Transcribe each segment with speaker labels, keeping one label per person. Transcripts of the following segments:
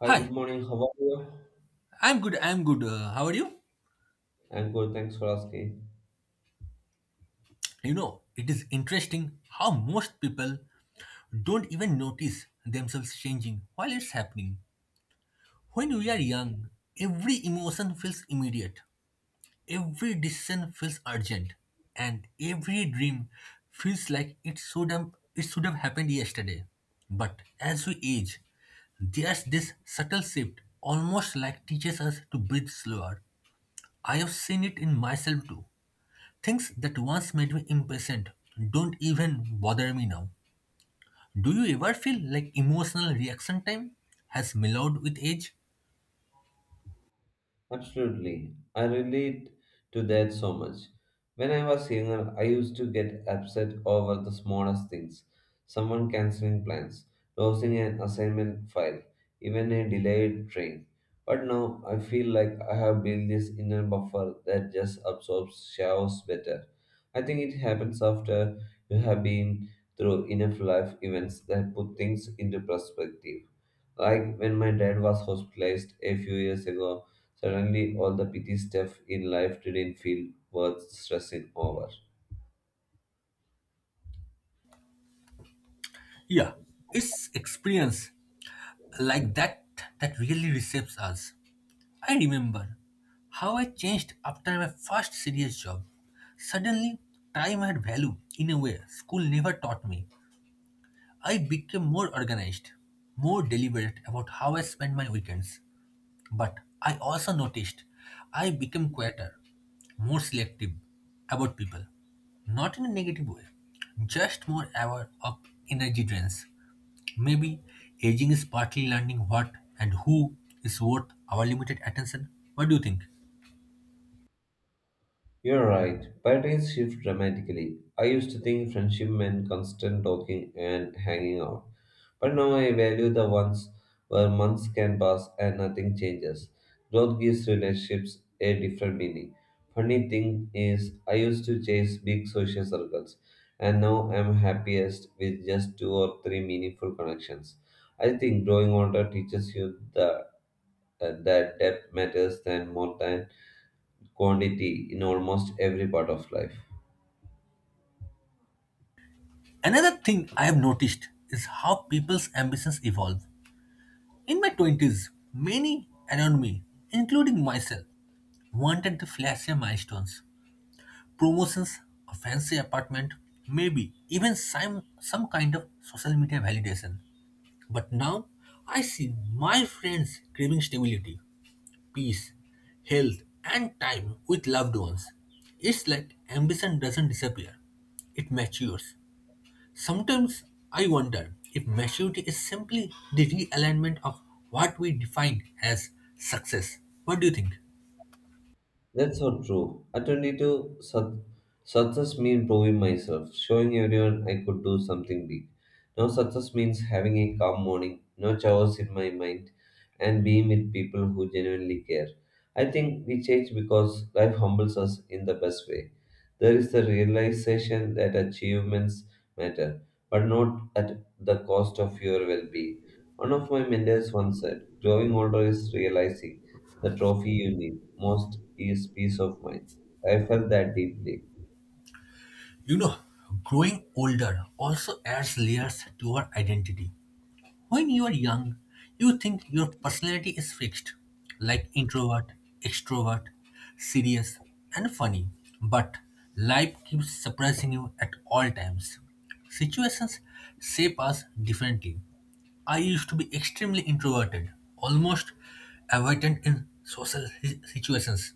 Speaker 1: Hi, good
Speaker 2: Hi,
Speaker 1: morning. How are you?
Speaker 2: I'm good. How are you?
Speaker 1: I'm good. Thanks for asking.
Speaker 2: You know, it is interesting how most people don't even notice themselves changing while it's happening. When we are young, every emotion feels immediate, every decision feels urgent, and every dream feels like it should have happened yesterday. But as we age, there's this subtle shift, almost like teaches us to breathe slower. I have seen it in myself too. Things that once made me impatient don't even bother me now. Do you ever feel like emotional reaction time has mellowed with age?
Speaker 1: Absolutely. I relate to that so much. When I was younger, I used to get upset over the smallest things someone canceling plans, losing an assignment file, even a delayed train. But now I feel like I have built this inner buffer that just absorbs chaos better. I think it happens after you have been through enough life events that put things into perspective. Like when my dad was hospitalized a few years ago, suddenly, all the petty stuff in life didn't feel worth stressing over.
Speaker 2: Yeah, it's experience like that that really reshapes us. I remember how I changed after my first serious job. Suddenly, time had value in a way school never taught me. I became more organized, more deliberate about how I spent my weekends. But I also noticed I became quieter, more selective about people. Not in a negative way, just more aware of energy drains. Maybe aging is partly learning what and who is worth our limited attention. What do you think?
Speaker 1: You're right. Priorities shift dramatically. I used to think friendship meant constant talking and hanging out, but now I value the ones where months can pass and nothing changes. Growth gives relationships a different meaning. Funny thing is, I used to chase big social circles, and now I'm happiest with just two or three meaningful connections. I think growing older teaches you the. That depth matters than more than quantity in almost every part of life.
Speaker 2: Another thing I have noticed is how people's ambitions evolve. In my 20s, many around me, including myself, wanted the flashier milestones, promotions, a fancy apartment, maybe even some kind of social media validation. But now I see my friends craving stability, peace, health, and time with loved ones. It's like ambition doesn't disappear, it matures. Sometimes I wonder if maturity is simply the realignment of what we define as success. What do you think?
Speaker 1: That's so true. Alternative success means proving myself, showing everyone I could do something big. Now success means having a calm morning, no chaos in my mind, and being with people who genuinely care. I think we change because life humbles us in the best way. There is the realization that achievements matter, but not at the cost of your well-being. One of my mentors once said, "Growing older is realizing" the trophy you need most is peace of mind. I felt that deeply.
Speaker 2: You know, growing older also adds layers to our identity. When you are young, you think your personality is fixed, like introvert, extrovert, serious, and funny. But life keeps surprising you at all times. Situations shape us differently. I used to be extremely introverted, almost avoidant in situations.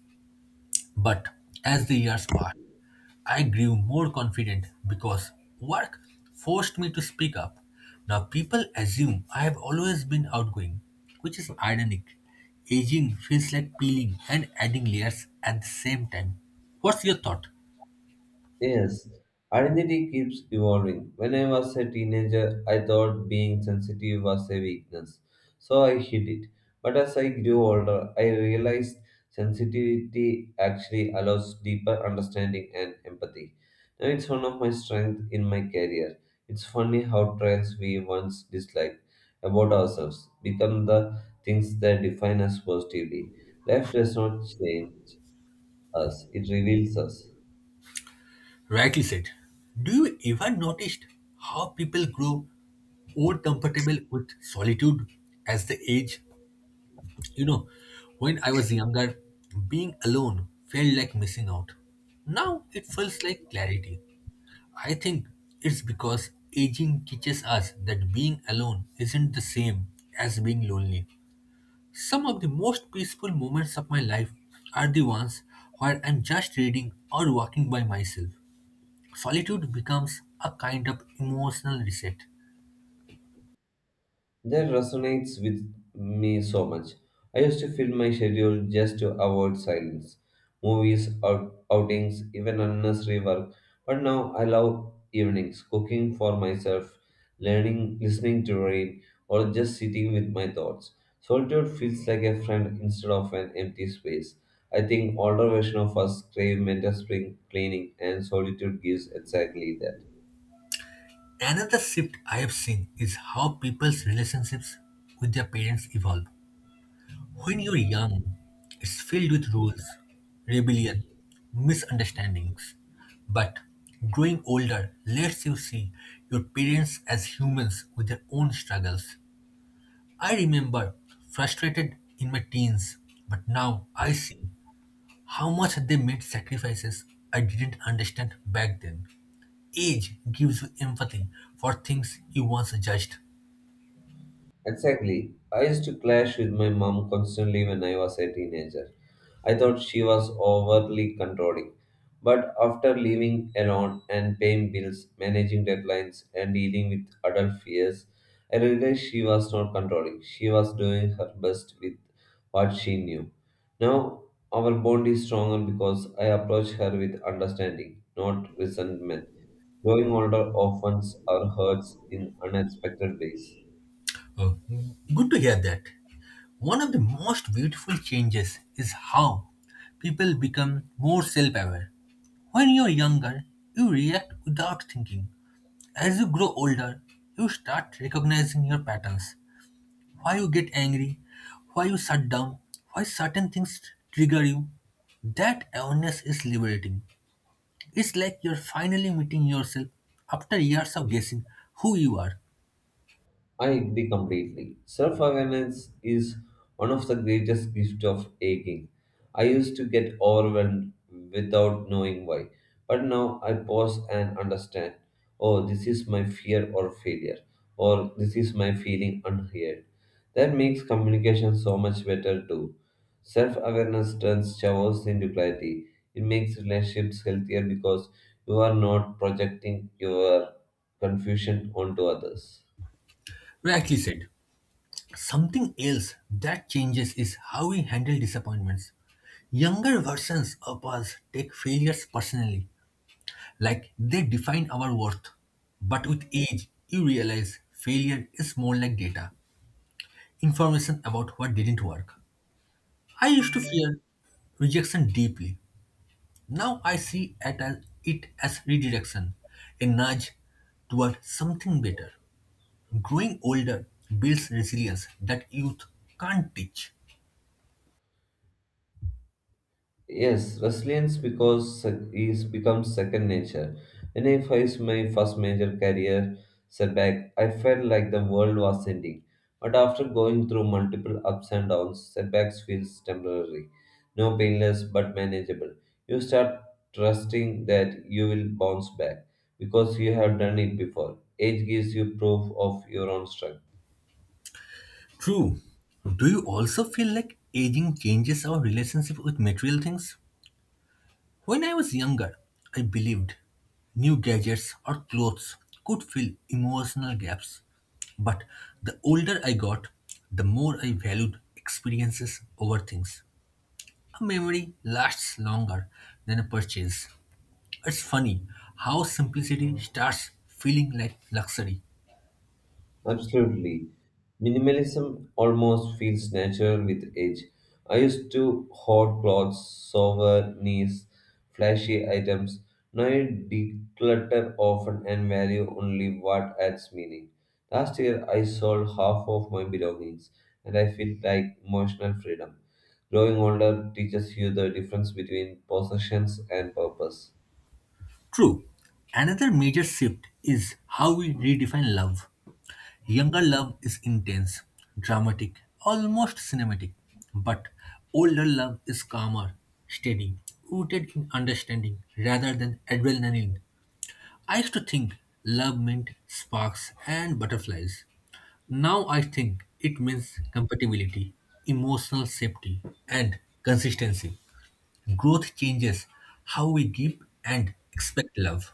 Speaker 2: But as the years passed, I grew more confident because work forced me to speak up. Now people assume I have always been outgoing, which is ironic. Aging feels like peeling and adding layers at the same time. What's your thought?
Speaker 1: Yes, identity keeps evolving. When I was a teenager, I thought being sensitive was a weakness, so I hid it. But as I grew older, I realized sensitivity actually allows deeper understanding and empathy. Now it's one of my strengths in my career. It's funny how traits we once disliked about ourselves become the things that define us positively. Life does not change us, it reveals us.
Speaker 2: Rightly said. Do you ever noticed how people grow more comfortable with solitude as they age? You know, when I was younger, being alone felt like missing out. Now it feels like clarity. I think it's because aging teaches us that being alone isn't the same as being lonely. Some of the most peaceful moments of my life are the ones where I'm just reading or walking by myself. Solitude becomes a kind of emotional reset.
Speaker 1: That resonates with me so much. I used to fill my schedule just to avoid silence, movies, outings, even unnecessary work. But now I love evenings, cooking for myself, learning, listening to rain, or just sitting with my thoughts. Solitude feels like a friend instead of an empty space. I think older version of us crave mental spring cleaning, and solitude gives exactly that.
Speaker 2: Another shift I have seen is how people's relationships with their parents evolve. When you're young, it's filled with rules, rebellion, misunderstandings. But growing older lets you see your parents as humans with their own struggles. I remember frustrated in my teens, but now I see how much they made sacrifices I didn't understand back then. Age gives you empathy for things you once judged.
Speaker 1: Exactly. I used to clash with my mom constantly when I was a teenager. I thought she was overly controlling. But after living alone and paying bills, managing deadlines, and dealing with adult fears, I realized she was not controlling. She was doing her best with what she knew. Now, our bond is stronger because I approach her with understanding, not resentment. Growing older often our hurts in unexpected ways.
Speaker 2: Oh, good to hear that. One of the most beautiful changes is how people become more self aware. When you're younger, you react without thinking. As you grow older, you start recognizing your patterns why you get angry, why you shut down, why certain things trigger you. That awareness is liberating. It's like you're finally meeting yourself after years of guessing who you are.
Speaker 1: I agree completely. Self awareness is one of the greatest gifts of aging. I used to get overwhelmed without knowing why, but now I pause and understand oh, this is my fear or failure, or this is my feeling unheard. That makes communication so much better too. Self awareness turns chaos into clarity. It makes relationships healthier because you are not projecting your confusion onto others.
Speaker 2: Rightly said. Something else that changes is how we handle disappointments. Younger versions of us take failures personally, like they define our worth. But with age, you realize failure is more like data, information about what didn't work. I used to fear rejection deeply. Now I see it as redirection, a nudge toward something better. Growing older builds resilience that youth can't teach.
Speaker 1: Yes, resilience because sec- is becomes second nature. When I faced my first major career setback, I felt like the world was ending. But after going through multiple ups and downs, setbacks feels temporary, no painless but manageable. You start trusting that you will bounce back because you have done it before. Age gives you proof of your own strength.
Speaker 2: True. Do you also feel like aging changes our relationship with material things? When I was younger, I believed new gadgets or clothes could fill emotional gaps. But the older I got, the more I valued experiences over things. A memory lasts longer than a purchase. It's funny how simplicity starts feeling like luxury.
Speaker 1: Absolutely. Minimalism almost feels natural with age. I used to hoard clothes, souvenirs, flashy items. Now I declutter often and value only what adds meaning. Last year I sold half of my belongings and I feel like emotional freedom. Growing older teaches you the difference between possessions and purpose.
Speaker 2: True, another major shift is how we redefine love. Younger love is intense, dramatic, almost cinematic, but older love is calmer, steady, rooted in understanding rather than adrenaline. I used to think love meant sparks and butterflies. Now I think it means compatibility, emotional safety, and consistency. Growth changes how we give and expect love.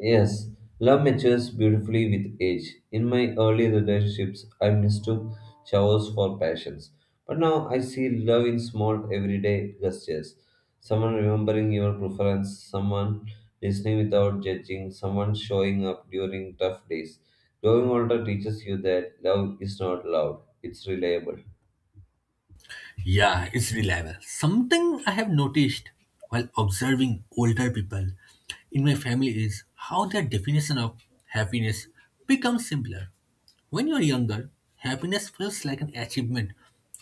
Speaker 1: Yes, love matures beautifully with age. In my early relationships, I mistook showers for passions. But now I see love in small everyday gestures. Someone remembering your preference, someone listening without judging, someone showing up during tough days. Growing older teaches you that love is not loud, it's reliable.
Speaker 2: Yeah, it's reliable. Something I have noticed while observing older people in my family is how their definition of happiness becomes simpler. When you're younger, happiness feels like an achievement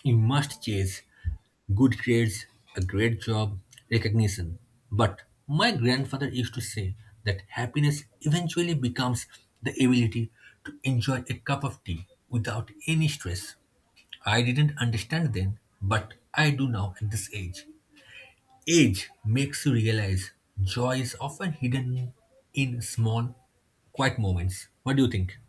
Speaker 2: you must chase good grades, a great job, recognition. But my grandfather used to say that happiness eventually becomes the ability to enjoy a cup of tea without any stress. I didn't understand then, but I do now at this age. Age makes you realize joy is often hidden in small, quiet moments. What do you think?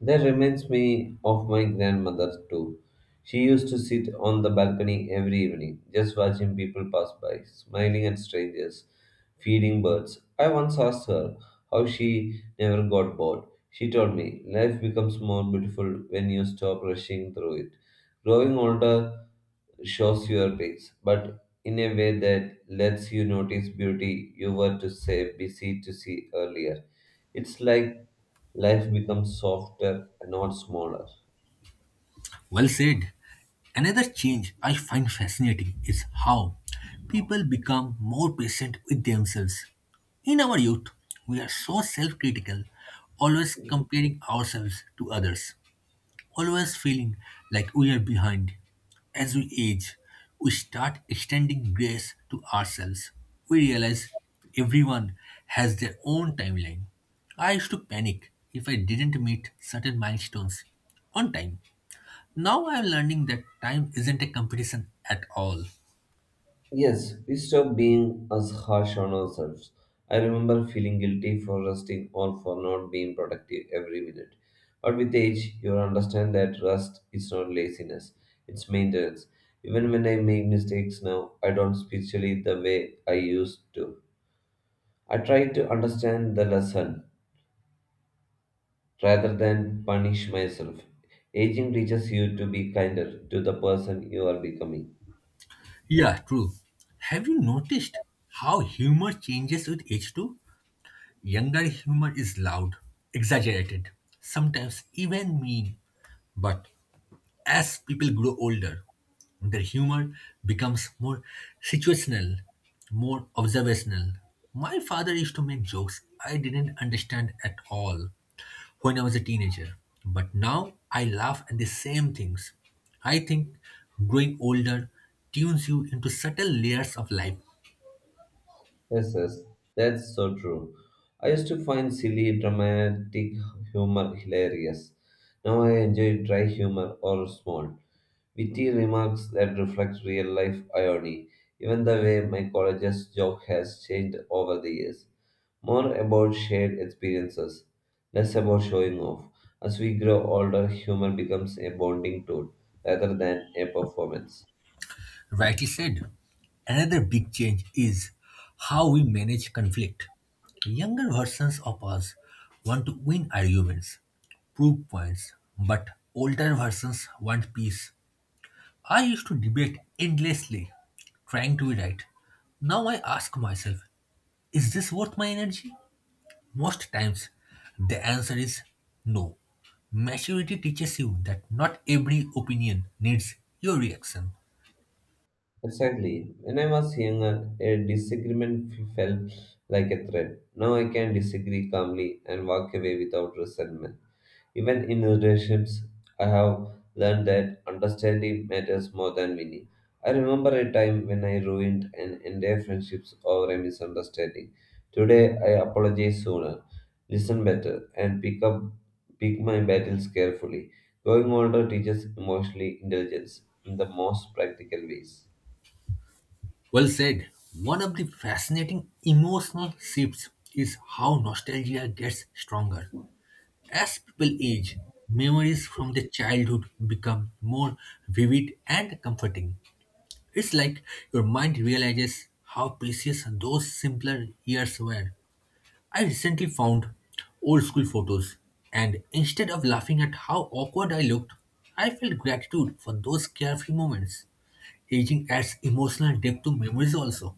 Speaker 1: That reminds me of my grandmother too. She used to sit on the balcony every evening, just watching people pass by, smiling at strangers, feeding birds. I once asked her how she never got bored. She told me, life becomes more beautiful when you stop rushing through it. Growing older shows your pace, but in a way that lets you notice beauty you were to say busy to see earlier. It's like life becomes softer and not smaller.
Speaker 2: Well said. Another change I find fascinating is how people become more patient with themselves. In our youth, we are so self critical, always comparing ourselves to others, always feeling like we are behind. As we age, we start extending grace to ourselves. We realize everyone has their own timeline. I used to panic if I didn't meet certain milestones on time. Now I am learning that time isn't a competition at all.
Speaker 1: Yes, we stop being as harsh on ourselves. I remember feeling guilty for resting or for not being productive every minute. But with age, you understand that rest is not laziness, it's maintenance. Even when I make mistakes now, I don't spiritually the way I used to. I try to understand the lesson rather than punish myself. Aging teaches you to be kinder to the person you are becoming.
Speaker 2: Yeah, true. Have you noticed how humor changes with age too? Younger humor is loud, exaggerated, sometimes even mean. But as people grow older, their humor becomes more situational, more observational. My father used to make jokes I didn't understand at all when I was a teenager, but now I laugh at the same things. I think growing older tunes you into subtle layers of life.
Speaker 1: Yes, yes, that's so true. I used to find silly, dramatic humor hilarious. Now I enjoy dry humor or small, witty remarks that reflect real life irony. Even the way my college's joke has changed over the years. More about shared experiences, less about showing off. As we grow older, humor becomes a bonding tool rather than a performance.
Speaker 2: Rightly said. Another big change is how we manage conflict. Younger versions of us want to win arguments, proof points, but older versions want peace. I used to debate endlessly, trying to be right. Now I ask myself, is this worth my energy? Most times, the answer is no. Maturity teaches you that not every opinion needs your reaction.
Speaker 1: Exactly. When I was younger, a disagreement felt like a threat. Now I can disagree calmly and walk away without resentment. Even in relationships, I have learned that understanding matters more than winning. I remember a time when I ruined an entire friendship over a misunderstanding. Today, I apologize sooner, listen better, and pick my battles carefully. Growing older teaches emotional intelligence in the most practical ways.
Speaker 2: Well said. One of the fascinating emotional shifts is how nostalgia gets stronger. As people age, memories from their childhood become more vivid and comforting. It's like your mind realizes how precious those simpler years were. I recently found old school photos, and instead of laughing at how awkward I looked, I felt gratitude for those carefree moments. Aging adds emotional depth to memories also.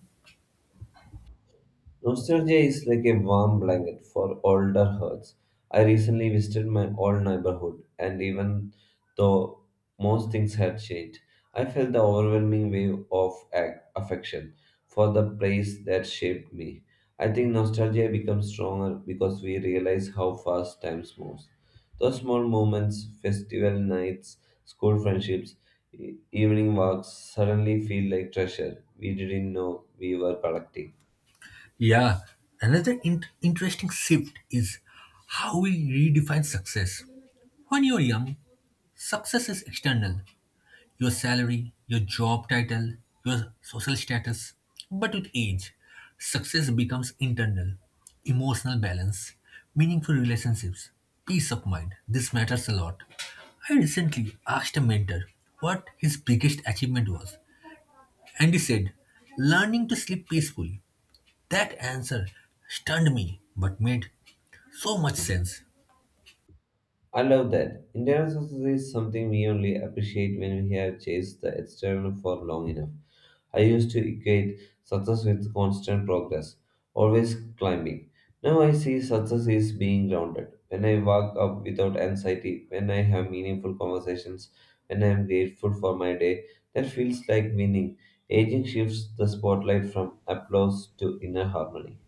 Speaker 1: Nostalgia is like a warm blanket for older hurts. I recently visited my old neighborhood, and even though most things had changed, I felt the overwhelming wave of affection for the place that shaped me. I think nostalgia becomes stronger because we realize how fast time moves. Those small moments, festival nights, school friendships, evening walks, suddenly feel like treasure we didn't know we were collecting.
Speaker 2: Yeah, another interesting shift is how we redefine success. When you're young, success is external your salary, your job title, your social status. But with age, success becomes internal emotional balance, meaningful relationships, peace of mind. This matters a lot. I recently asked a mentor what his biggest achievement was, and he said, learning to sleep peacefully. That answer stunned me but made so much sense.
Speaker 1: I love that. Internal success is something we only appreciate when we have chased the external for long enough. I used to equate success with constant progress, always climbing. Now I see success is being grounded. When I wake up without anxiety, when I have meaningful conversations, when I am grateful for my day, that feels like winning. Aging shifts the spotlight from applause to inner harmony.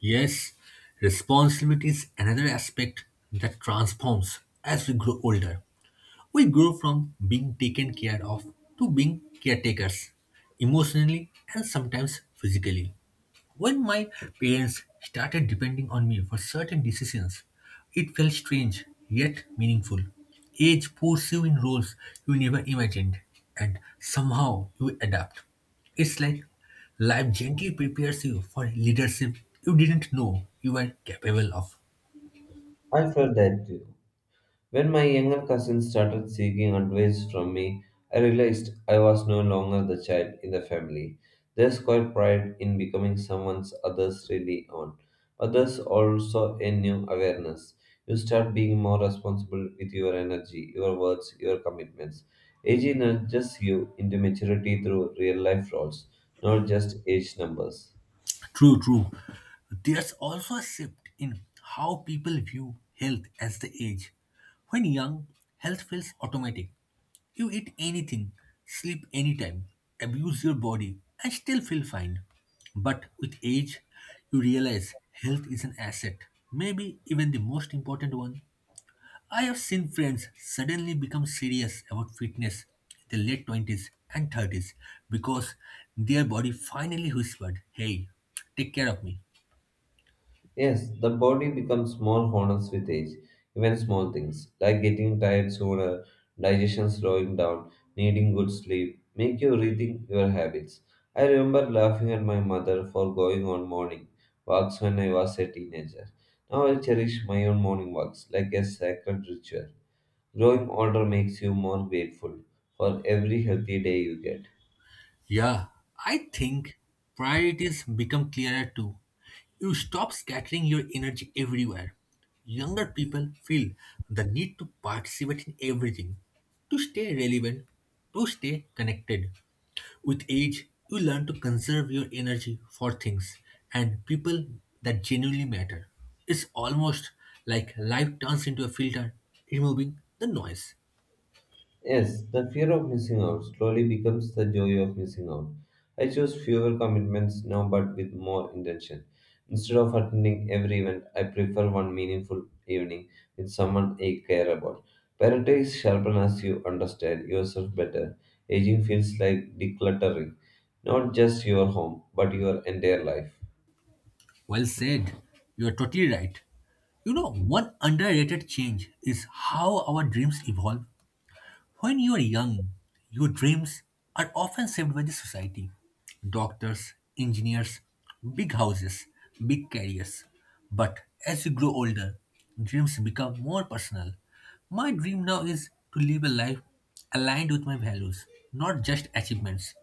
Speaker 2: Yes, responsibility is another aspect that transforms as we grow older. We grow from being taken care of to being caretakers, emotionally and sometimes physically. When my parents started depending on me for certain decisions, it felt strange yet meaningful. Age puts you in roles you never imagined, and somehow you adapt. It's like life gently prepares you for leadership you didn't know you were capable of.
Speaker 1: I felt that too. When my younger cousin started seeking advice from me, I realized I was no longer the child in the family. There's quite pride in becoming someone others really own, but there's also a new awareness. You start being more responsible with your energy, your words, your commitments. Age nudges you into maturity through real life roles, not just age numbers.
Speaker 2: True. There's also a shift in how people view health as the age. When young, health feels automatic. You eat anything, sleep anytime, abuse your body, and still feel fine. But with age, you realize health is an asset, maybe even the most important one. I have seen friends suddenly become serious about fitness in their late 20s and 30s because their body finally whispered, hey, take care of me.
Speaker 1: Yes, the body becomes more honest with age. Even small things like getting tired sooner, digestion slowing down, needing good sleep make you rethink your habits. I remember laughing at my mother for going on morning walks when I was a teenager. Now I cherish my own morning walks like a sacred ritual. Growing older makes you more grateful for every healthy day you get.
Speaker 2: Yeah, I think priorities become clearer too. You stop scattering your energy everywhere. Younger people feel the need to participate in everything, to stay relevant, to stay connected. With age, you learn to conserve your energy for things and people that genuinely matter. It's almost like life turns into a filter, removing the noise.
Speaker 1: Yes, the fear of missing out slowly becomes the joy of missing out. I choose fewer commitments now but with more intention. Instead of attending every event, I prefer one meaningful evening with someone I care about. Priorities sharpen as you understand yourself better. Aging feels like decluttering, not just your home, but your entire life.
Speaker 2: Well said. You are totally right. You know, one underrated change is how our dreams evolve. When you are young, your dreams are often shaped by the society. Doctors, engineers, big houses, big careers. But as you grow older, dreams become more personal. My dream now is to live a life aligned with my values, not just achievements.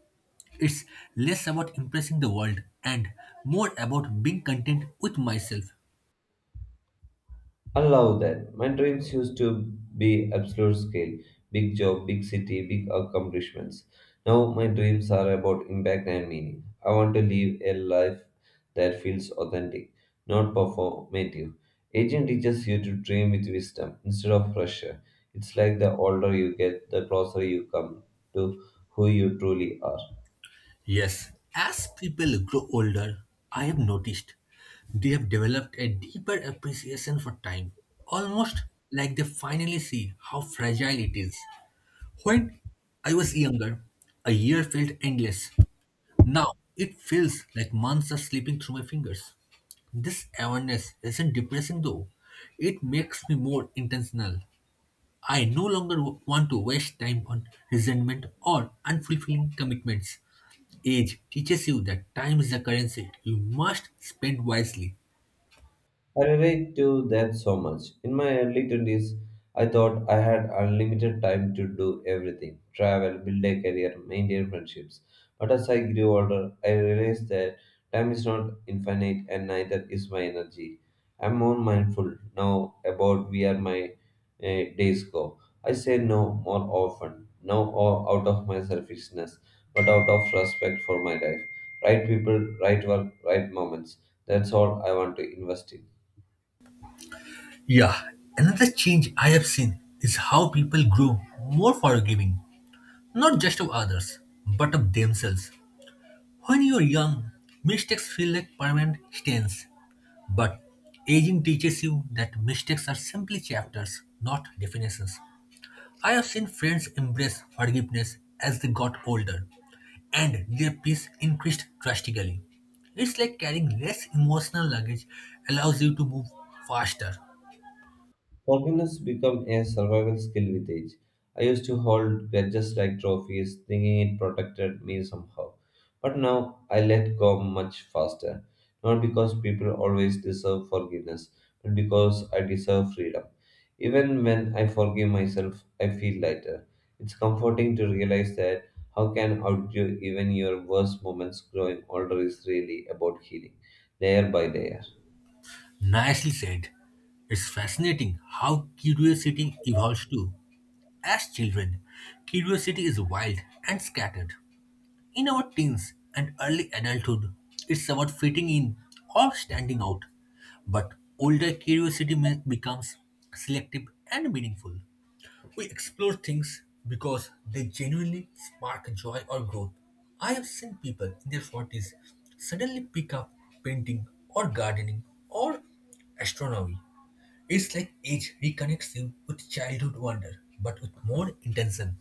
Speaker 2: It's less about impressing the world and more about being content with myself.
Speaker 1: Allow that. My dreams used to be absolute scale, big job, big city, big accomplishments. Now my dreams are about impact and meaning. I want to live a life that feels authentic, not performative. Aging teaches you to dream with wisdom instead of pressure. It's like the older you get, the closer you come to who you truly are.
Speaker 2: Yes, as people grow older, I have noticed they have developed a deeper appreciation for time, almost like they finally see how fragile it is. When I was younger, a year felt endless. Now it feels like months are slipping through my fingers. This awareness isn't depressing though, it makes me more intentional. I no longer want to waste time on resentment or unfulfilling commitments. Age teaches you that time is the currency you must spend wisely.
Speaker 1: I relate to that so much. In my early 20s, I thought I had unlimited time to do everything travel, build a career, maintain friendships. But as I grew older, I realized that time is not infinite and neither is my energy. I'm more mindful now about where my days go. I say no more often, no out of my selfishness, but out of respect for my life. Right people, right work, right moments. That's all I want to invest in.
Speaker 2: Yeah, another change I have seen is how people grow more forgiving, not just of others, but of themselves. When you're young, mistakes feel like permanent stains, but aging teaches you that mistakes are simply chapters, not definitions. I have seen friends embrace forgiveness as they got older, and their peace increased drastically. It's like carrying less emotional luggage allows you to move faster.
Speaker 1: Forgiveness become a survival skill with age. I used to hold grudges like trophies, thinking it protected me somehow. But now I let go much faster. Not because people always deserve forgiveness, but because I deserve freedom. Even when I forgive myself, I feel lighter. It's comforting to realize that how can outdo even your worst moments growing older is really about healing, layer by layer.
Speaker 2: Nicely said. It's fascinating how curiosity evolves too. As children, curiosity is wild and scattered. In our teens and early adulthood, it's about fitting in or standing out. But older becomes selective and meaningful. We explore things because they genuinely spark joy or growth. I have seen people in their 40s suddenly pick up painting or gardening or astronomy. It's like age reconnects you with childhood wonder but with more intention.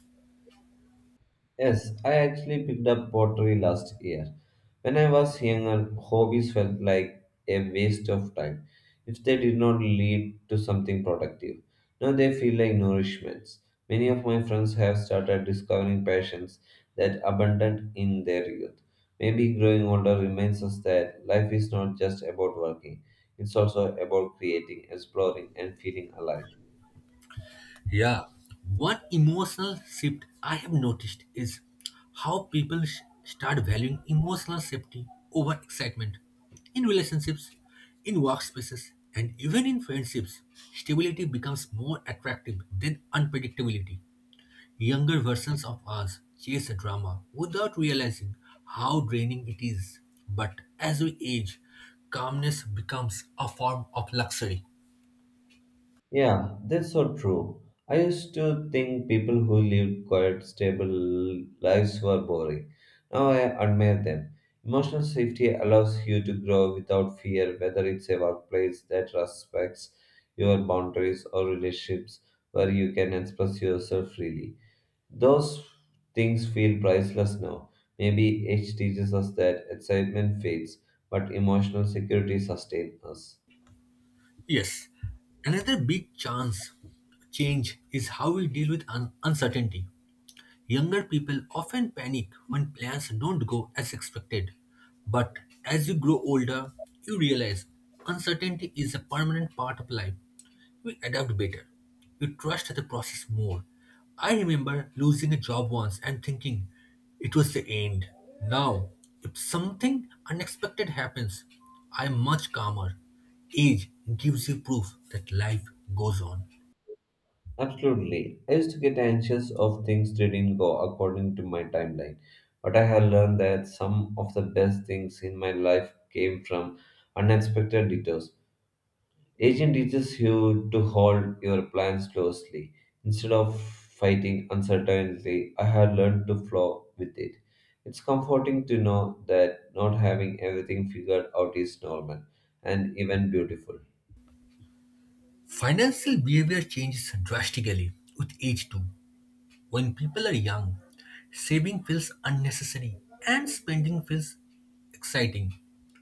Speaker 1: Yes, I actually picked up pottery last year. When I was younger, hobbies felt like a waste of time if they did not lead to something productive. Now they feel like nourishments. Many of my friends have started discovering passions that abandoned in their youth. Maybe growing older reminds us that life is not just about working, it's also about creating, exploring, and feeling alive.
Speaker 2: Yeah, one emotional shift I have noticed is how start valuing emotional safety over excitement. In relationships, in workspaces, and even in friendships, stability becomes more attractive than unpredictability. Younger versions of us chase a drama without realizing how draining it is. But as we age, calmness becomes a form of luxury.
Speaker 1: Yeah, that's so true. I used to think people who lived quiet, stable lives were boring. Now I admire them. Emotional safety allows you to grow without fear, whether it's a workplace that respects your boundaries or relationships where you can express yourself freely. Those things feel priceless now. Maybe age teaches us that excitement fades, but emotional security sustains us.
Speaker 2: Yes, another big chance change is how we deal with uncertainty. Younger people often panic when plans don't go as expected. But as you grow older, you realize uncertainty is a permanent part of life we adapt better. We trust the process more. I remember losing a job once and thinking it was the end. Now, if something unexpected happens, I'm much calmer. Age gives you proof that life goes on.
Speaker 1: Absolutely. I used to get anxious of things that didn't go according to my timeline, but I have learned that some of the best things in my life came from unexpected detours. Aging teaches you to hold your plans closely. Instead of fighting uncertainty, I have learned to flow with it. It's comforting to know that not having everything figured out is normal and even beautiful.
Speaker 2: Financial behavior changes drastically with age too. When people are young, saving feels unnecessary and spending feels exciting.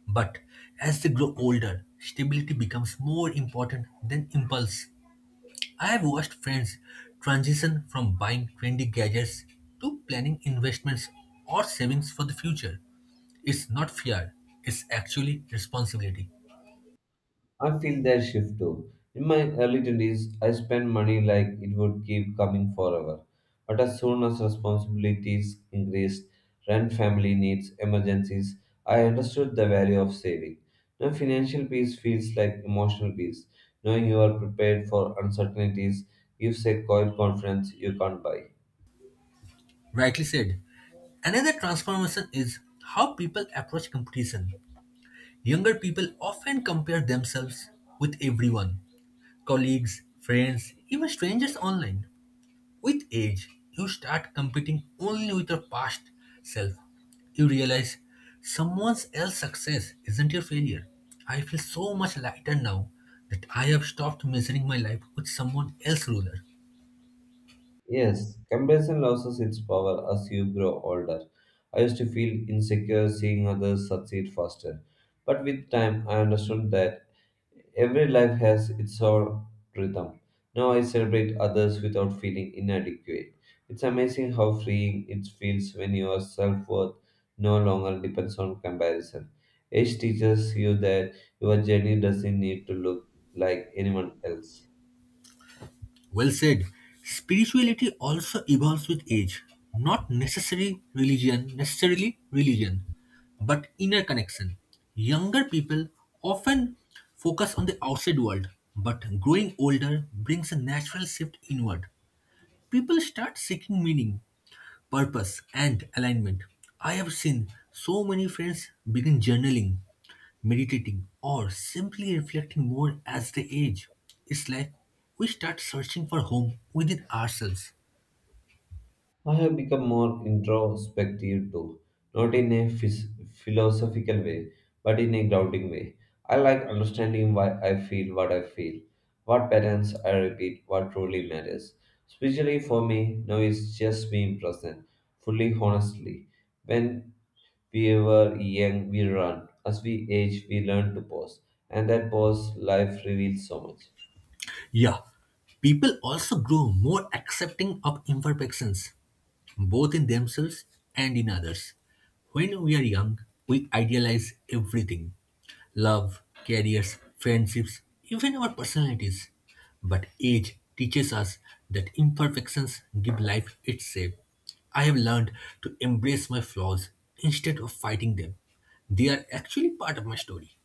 Speaker 2: But as they grow older, stability becomes more important than impulse. I have watched friends transition from buying trendy gadgets to planning investments or savings for the future. It's not fear, it's actually responsibility.
Speaker 1: I feel that shift too. In my early 20s, I spent money like it would keep coming forever. But as soon as responsibilities increased, rent, family needs, emergencies, I understood the value of saving. Now, financial peace feels like emotional peace. Knowing you are prepared for uncertainties gives a quiet confidence you can't buy.
Speaker 2: Rightly said. Another transformation is how people approach competition. Younger people often compare themselves with everyone colleagues, friends, even strangers online. With age, you start competing only with your past self. You realize someone else's success isn't your failure. I feel so much lighter now that I have stopped measuring my life with someone else's ruler.
Speaker 1: Yes, comparison loses its power as you grow older. I used to feel insecure seeing others succeed faster. But with time, I understood that every life has its own rhythm. Now I celebrate others without feeling inadequate. It's amazing how freeing it feels when your self worth no longer depends on comparison. Age teaches you that your journey doesn't need to look like anyone else.
Speaker 2: Well said. Spirituality also evolves with age. Not necessarily religion, necessarily religion, but inner connection. Younger people often focus on the outside world, but growing older brings a natural shift inward. People start seeking meaning, purpose, and alignment. I have seen so many friends begin journaling, meditating, or simply reflecting more as they age. It's like we start searching for home within ourselves.
Speaker 1: I have become more introspective too, not in a philosophical way, but in a grounding way. I like understanding why I feel, what patterns I repeat, what truly matters. Especially for me, now it's just being present, fully honestly. When we were young, we run. As we age, we learn to pause, and that pause, life reveals so much.
Speaker 2: Yeah, people also grow more accepting of imperfections, both in themselves and in others. When we are young, we idealize everything love, careers, friendships, even our personalities. But age teaches us that imperfections give life its shape. I have learned to embrace my flaws instead of fighting them. They are actually part of my story.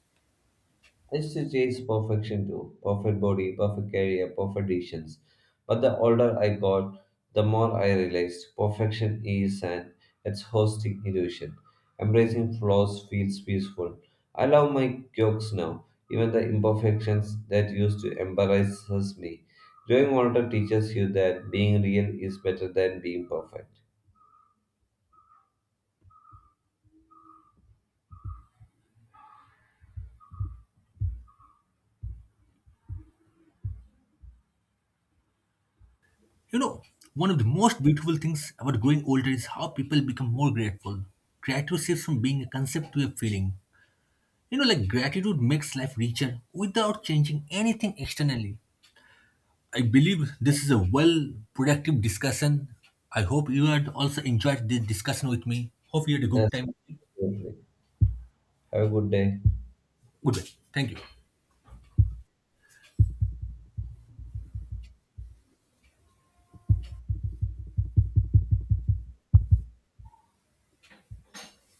Speaker 1: It's to chase perfection too. Perfect body, perfect career, perfect decisions. But the older I got, the more I realized perfection is an it's hosting illusion. Embracing flaws feels peaceful. I love my quirks now, even the imperfections that used to embarrass me. Growing older teaches you that being real is better than being perfect.
Speaker 2: You know, one of the most beautiful things about growing older is how people become more grateful. Gratitude shifts from being a concept to a feeling. You know, like gratitude makes life richer without changing anything externally. I believe this is a well productive discussion. I hope you had also enjoyed this discussion with me. Hope you had a good
Speaker 1: Yes,
Speaker 2: time.
Speaker 1: absolutely. Have a good day.
Speaker 2: Goodbye. Thank you.